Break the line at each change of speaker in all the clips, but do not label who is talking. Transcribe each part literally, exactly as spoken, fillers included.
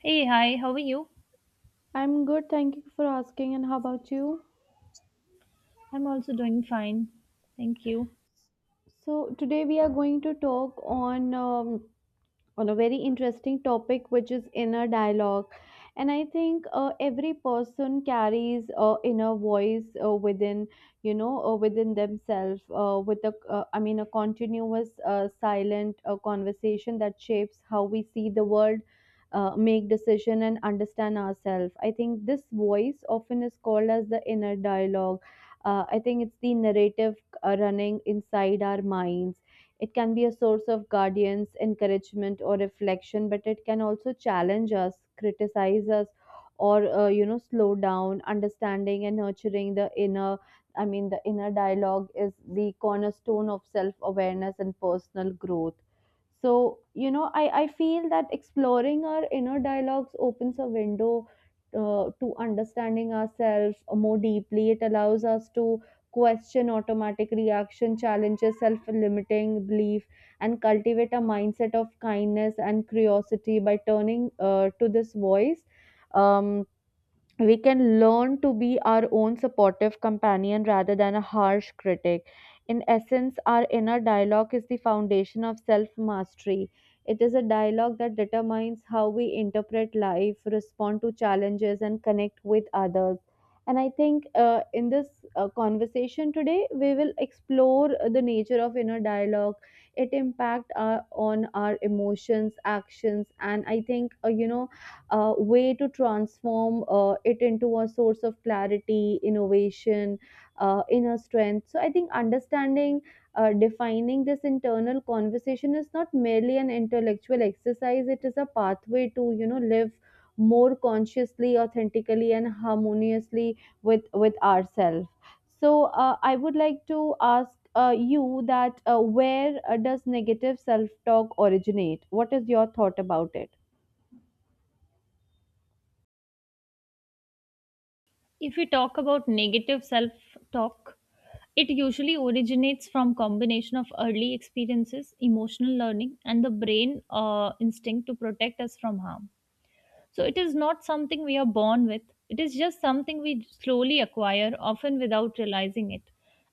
Hey, hi, how are you?
I'm good, thank you for asking. And how about you?
I'm also doing fine. Thank you.
So today we are going to talk on um, on a very interesting topic which is inner dialogue and i think uh, every person carries a uh, inner voice uh, within you know uh, within themselves uh, with a uh, I mean a continuous uh, silent uh, conversation that shapes how we see the world, uh, make decision and understand ourselves. I think this voice often is called as the inner dialogue. uh, I think it's the narrative uh, running inside our minds. It can be a source of guidance, encouragement, or reflection, but it can also challenge us, criticize us, or uh, you know slow down. Understanding and nurturing the inner, I mean the inner dialogue is the cornerstone of self-awareness and personal growth. So you know, I I feel that exploring our inner dialogues opens a window uh, to understanding ourselves more deeply. It allows us to question automatic reaction, challenges self limiting belief, and cultivate a mindset of kindness and curiosity by turning uh, to this voice. Um, we can learn to be our own supportive companion rather than a harsh critic. In essence, our inner dialogue is the foundation of self mastery. It is a dialogue that determines how we interpret life, respond to challenges, and connect with others. And I think uh, in this uh, conversation today, we will explore the nature of inner dialogue, it impact our, on our emotions, actions, and I think uh, you know uh, way to transform uh, it into a source of clarity, innovation, uh, inner strength. So I think understanding, uh, defining this internal conversation is not merely an intellectual exercise. It is a pathway to you know live more consciously, authentically, and harmoniously with with ourselves. So uh, I would like to ask uh, you that uh, where uh, does negative self talk originate? What is your thought about it?
If we talk about negative self talk, it usually originates from combination of early experiences, emotional learning, and the brain uh, instinct to protect us from harm. So it is not something we are born with, it is just something we slowly acquire, often without realizing it.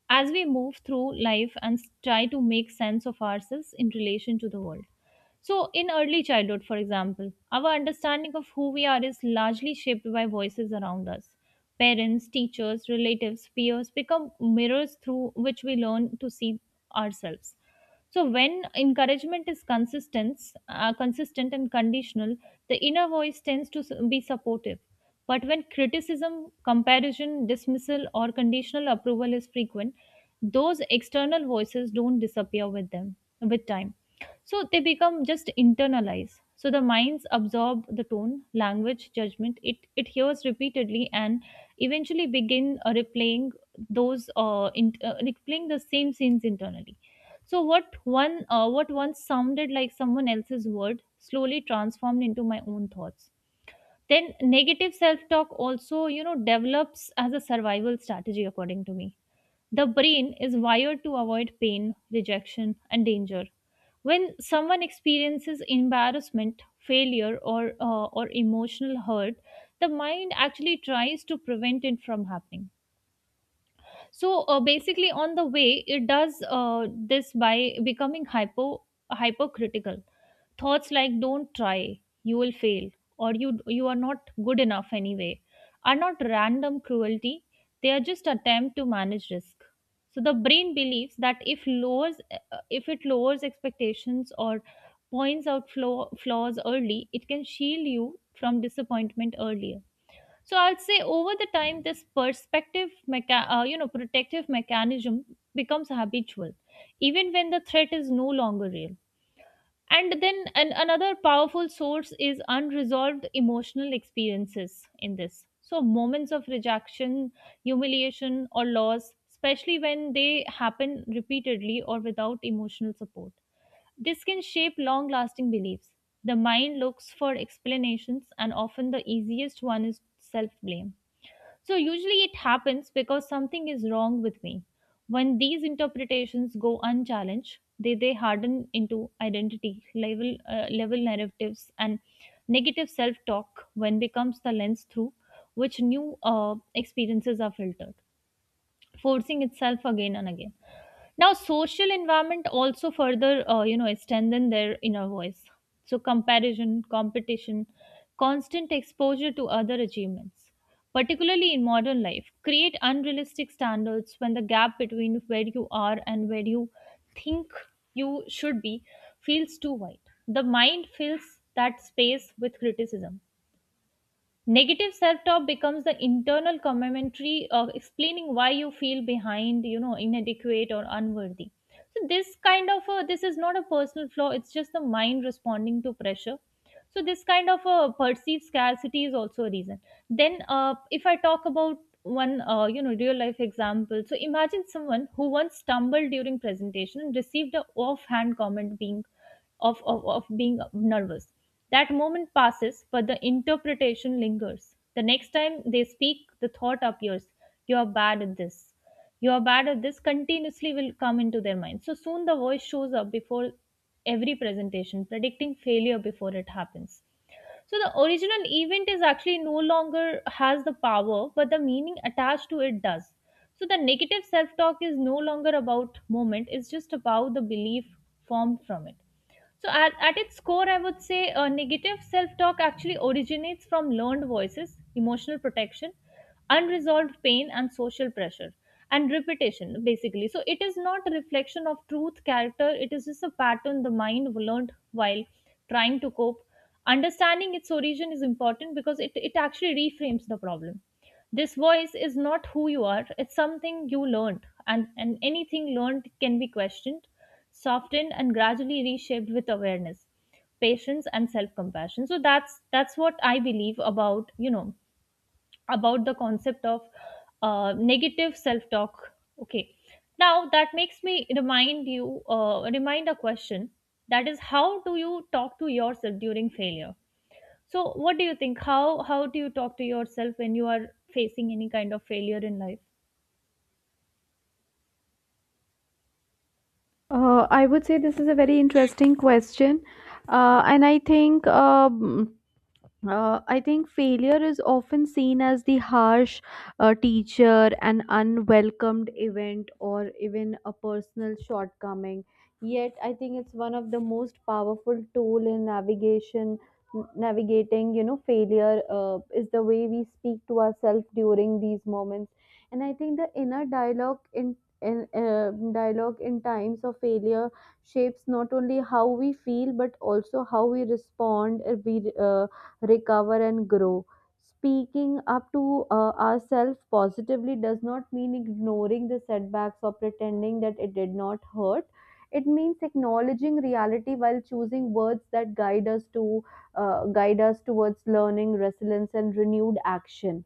As we move through life and s- try to make sense of ourselves in relation to the world. So, in early childhood, for example, our understanding of who we are is largely shaped by voices around us. Parents, teachers, relatives, peers become mirrors through which we learn to see ourselves. So when encouragement is consistent, uh, consistent and conditional, the inner voice tends to s- be supportive. But when criticism, comparison, dismissal, or conditional approval is frequent, those external voices don't disappear with them with time. So they become just internalized. So the minds absorb the tone, language, judgment. It it hears repeatedly and eventually begin uh, replaying those uh, in, uh, replaying the same scenes internally. So what one uh, what once sounded like someone else's word slowly transformed into my own thoughts. Then negative self-talk also, you know, develops as a survival strategy according to me. The brain is wired to avoid pain, rejection and danger. When someone experiences embarrassment, failure or uh, or emotional hurt, the mind actually tries to prevent it from happening. So uh, basically on the way it does uh, this by becoming hypo hypercritical. Thoughts like don't try, you will fail, or you you are not good enough anyway are not random cruelty, they are just attempt to manage risk. So the brain believes that if lowers uh, if it lowers expectations or points out flaw, flaws early, it can shield you from disappointment earlier. So I'd say over the time, this perspective, mecha- uh, you know, protective mechanism becomes habitual, even when the threat is no longer real. And then an- another powerful source is unresolved emotional experiences in this. So moments of rejection, humiliation, or loss, especially when they happen repeatedly or without emotional support. This can shape long lasting beliefs. The mind looks for explanations, and often the easiest one is self blame. So, usually it happens because something is wrong with me. When these interpretations go unchallenged, they, they harden into identity, level, uh, level narratives, and negative self talk when becomes the lens through which new uh, experiences are filtered, forcing itself again and again. Now, social environment also further, uh, you know, strengthen their inner voice. So, comparison, competition, constant exposure to other achievements, particularly in modern life, create unrealistic standards when the gap between where you are and where you think you should be feels too wide. The mind fills that space with criticism. Negative self talk becomes the internal commentary of explaining why you feel behind, you know, inadequate or unworthy. So this kind of a, this is not a personal flaw, it's just the mind responding to pressure. So this kind of a perceived scarcity is also a reason. Then uh, if I talk about one uh, you know, real life example, so imagine someone who once stumbled during presentation and received a offhand comment being of, of, of being nervous. That moment passes, but the interpretation lingers. The next time they speak, the thought appears, you are bad at this. You are bad at this continuously will come into their mind. So soon the voice shows up before every presentation, predicting failure before it happens. So the original event is actually no longer has the power, but the meaning attached to it does. So the negative self talk is no longer about moment, it's just about the belief formed from it. So, at, at its core, I would say uh, negative self talk actually originates from learned voices, emotional protection, unresolved pain, and social pressure, and repetition, basically. So, it is not a reflection of truth, character, it is just a pattern the mind learned while trying to cope. Understanding its origin is important because it, it actually reframes the problem. This voice is not who you are, it's something you learned, and, and anything learned can be questioned, softened, and gradually reshaped with awareness, patience, and self compassion. So that's that's what I believe about, you know, about the concept of uh, negative self talk. Okay, now that makes me remind you uh, remind a question, that is how do you talk to yourself during failure? So, what do you think? How how do you talk to yourself when you are facing any kind of failure in life?
Uh, I would say this is a very interesting question, uh, and I think um, uh, I think failure is often seen as the harsh uh, teacher, an unwelcomed event, or even a personal shortcoming. Yet, I think it's one of the most powerful tool in navigation, navigating. You know, failure uh, is the way we speak to ourselves during these moments, and I think the inner dialogue in in uh, dialogue in times of failure shapes not only how we feel but also how we respond. uh, We uh, recover and grow. Speaking up to uh, ourselves positively does not mean ignoring the setbacks or pretending that it did not hurt. It means acknowledging reality while choosing words that guide us to uh, guide us towards learning resilience and renewed action.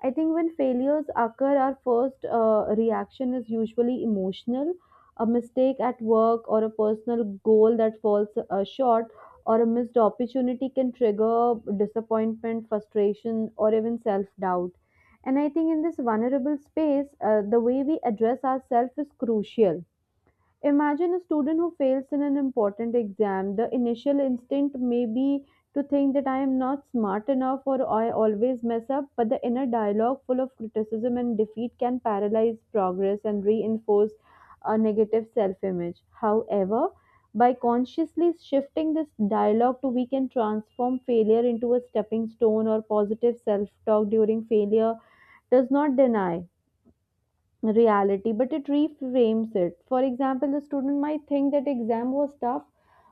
I think when failures occur, our first uh, reaction is usually emotional. A mistake at work or a personal goal that falls uh, short or a missed opportunity can trigger disappointment, frustration, or even self doubt. And I think in this vulnerable space, uh, the way we address ourselves is crucial. Imagine a student who fails in an important exam. The initial instinct may be to think that I am not smart enough or I always mess up, but the inner dialogue full of criticism and defeat can paralyze progress and reinforce a negative self image. However, by consciously shifting this dialogue to we can transform failure into a stepping stone or positive self talk during failure does not deny reality, but it reframes it. For example, the student might think that exam was tough,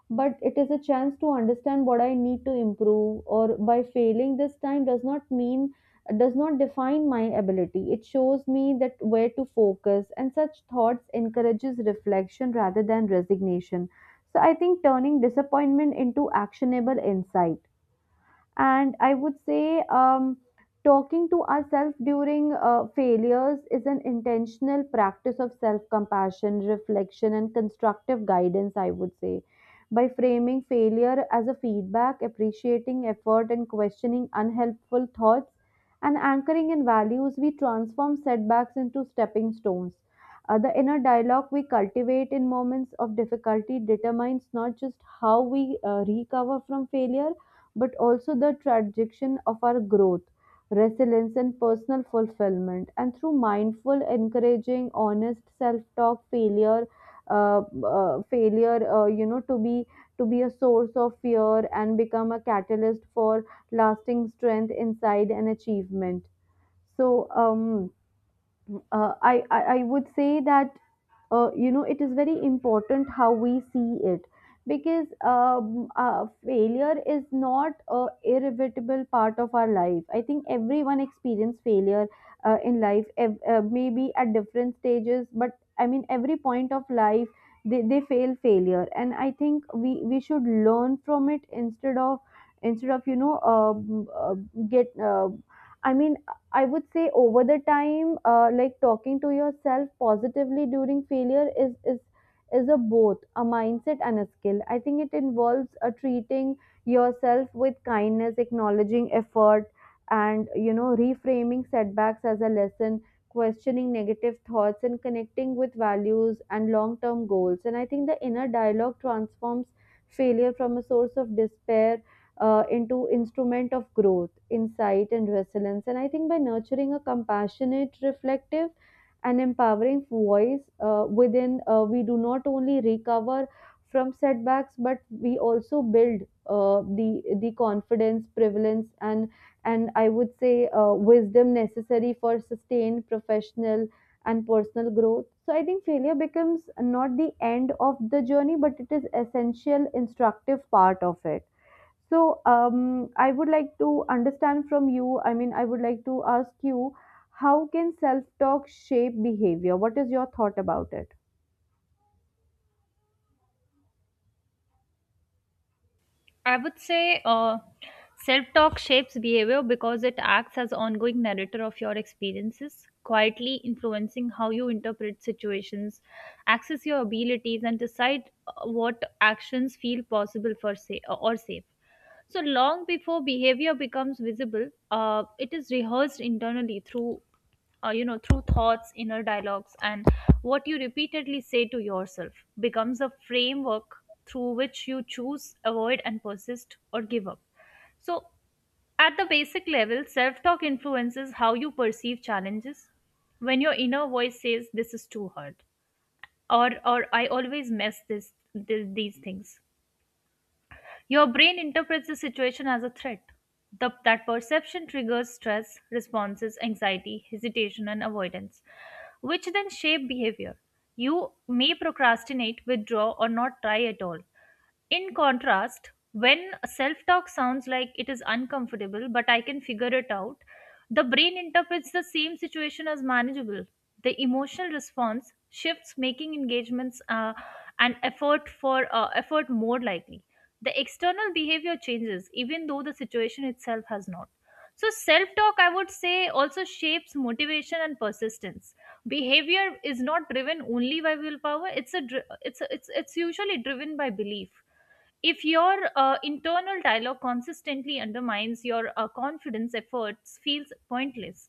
but it is a chance to understand what I need to improve, or by failing this time does not mean does not define my ability. It shows me that where to focus, and such thoughts encourages reflection rather than resignation. So I think turning disappointment into actionable insight, and I would say um, talking to ourselves during uh, failures is an intentional practice of self-compassion reflection and constructive guidance. I would say by framing failure as a feedback, appreciating effort and questioning unhelpful thoughts and anchoring in values, we transform setbacks into stepping stones. Uh, the inner dialogue we cultivate in moments of difficulty determines not just how we uh, recover from failure but also the tradition of our growth, resilience, and personal fulfillment. And through mindful, encouraging, honest self-talk, failure, uh, uh, failure, uh, you know, to be to be a source of fear and become a catalyst for lasting strength, inside and achievement. So, um, uh, I, I I would say that uh, you know it is very important how we see it because um, uh, failure is not a irrevocable part of our life. I think everyone experience failure uh, in life, ev- uh, maybe at different stages, but I mean every point of life they, they fail failure, and I think we we should learn from it instead of instead of you know uh, uh, get uh, I mean I would say over the time, uh, like talking to yourself positively during failure is is is a both a mindset and a skill. I think it involves uh, treating yourself with kindness, acknowledging effort, and you know reframing setbacks as a lesson, questioning negative thoughts, and connecting with values and long term goals. And I think the inner dialogue transforms failure from a source of despair uh, into instrument of growth, insight, and resilience. And I think by nurturing a compassionate, reflective, and empowering voice uh, within, uh, we do not only recover from setbacks, but we also build uh, the the confidence, prevalence, and and I would say uh, wisdom necessary for sustained professional and personal growth. So I think failure becomes not the end of the journey, but it is essential, instructive part of it. So, um, I would like to understand from you. I mean, I would like to ask you how can self talk shape behavior? What is your thought about it?
I would say uh, self talk shapes behavior because it acts as ongoing narrator of your experiences, quietly influencing how you interpret situations, access your abilities, and decide uh, what actions feel possible for sa- uh, or safe. So long before behavior becomes visible, uh, it is rehearsed internally through uh, you know through thoughts inner dialogues, and what you repeatedly say to yourself becomes a framework through which you choose avoid and persist or give up. So at the basic level, self talk influences how you perceive challenges. When your inner voice says this is too hard, or or I always mess this, this these things, your brain interprets the situation as a threat. The, that perception triggers stress, responses, anxiety, hesitation, and avoidance, which then shape behavior. You may procrastinate, withdraw, or not try at all. In contrast, when self talk sounds like it is uncomfortable, but I can figure it out, the brain interprets the same situation as manageable. The emotional response shifts, making engagements uh, and effort for uh, effort more likely. The external behavior changes even though the situation itself has not. So self talk, I would say, also shapes motivation and persistence. Behavior is not driven only by willpower, it's a dri- it's a, it's it's usually driven by belief. If your uh, internal dialogue consistently undermines your uh, confidence, efforts feels pointless.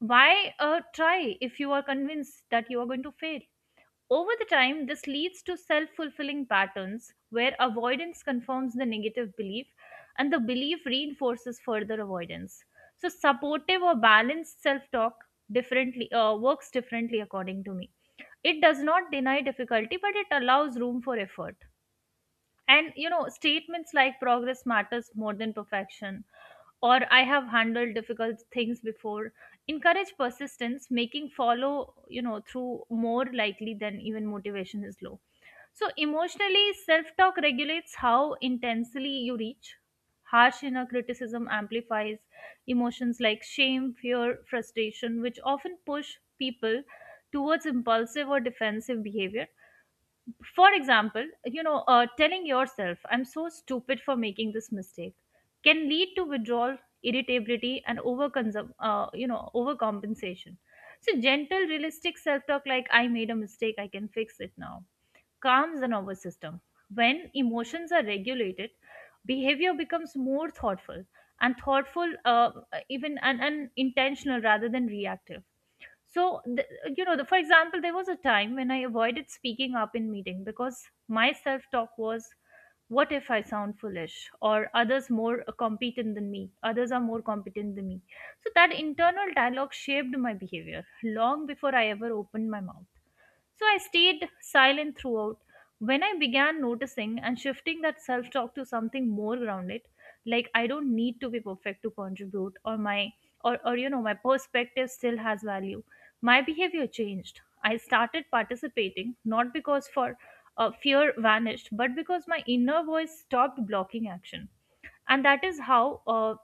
Why uh, try if you are convinced that you are going to fail? Over the time, this leads to self fulfilling patterns where avoidance confirms the negative belief and the belief reinforces further avoidance. So, supportive or balanced self talk differently uh, works differently according to me. It does not deny difficulty, but it allows room for effort. And you know, statements like progress matters more than perfection, or I have handled difficult things before, encourage persistence, making follow, you know, through more likely than even motivation is low. So emotionally, self-talk regulates how intensely you reach. Harsh inner criticism amplifies emotions like shame, fear, frustration, which often push people towards impulsive or defensive behavior. For example, you know, uh, telling yourself, I'm so stupid for making this mistake, can lead to withdrawal, irritability, and overconsum, uh, you know, overcompensation. So, gentle, realistic self talk like, I made a mistake, I can fix it now, calms the nervous system. When emotions are regulated, behavior becomes more thoughtful and thoughtful, uh, even and, and intentional rather than reactive. So, the, you know, the, for example, there was a time when I avoided speaking up in meeting because my self talk was, what if I sound foolish or others more competent than me? Others are more competent than me. So that internal dialogue shaped my behavior long before I ever opened my mouth. So I stayed silent throughout. When I began noticing and shifting that self talk to something more grounded, like I don't need to be perfect to contribute, or my or, or you know, my perspective still has value, my behavior changed. I started participating not because for uh, fear vanished, but because my inner voice stopped blocking action. And that is how uh,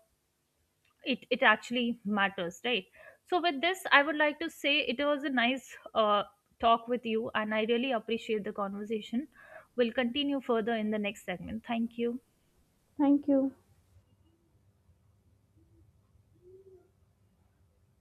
it it actually matters, right? So with this I would like to say it was a nice uh, talk with you, and I really appreciate the conversation. We'll continue further in the next segment. Thank you.
Thank you.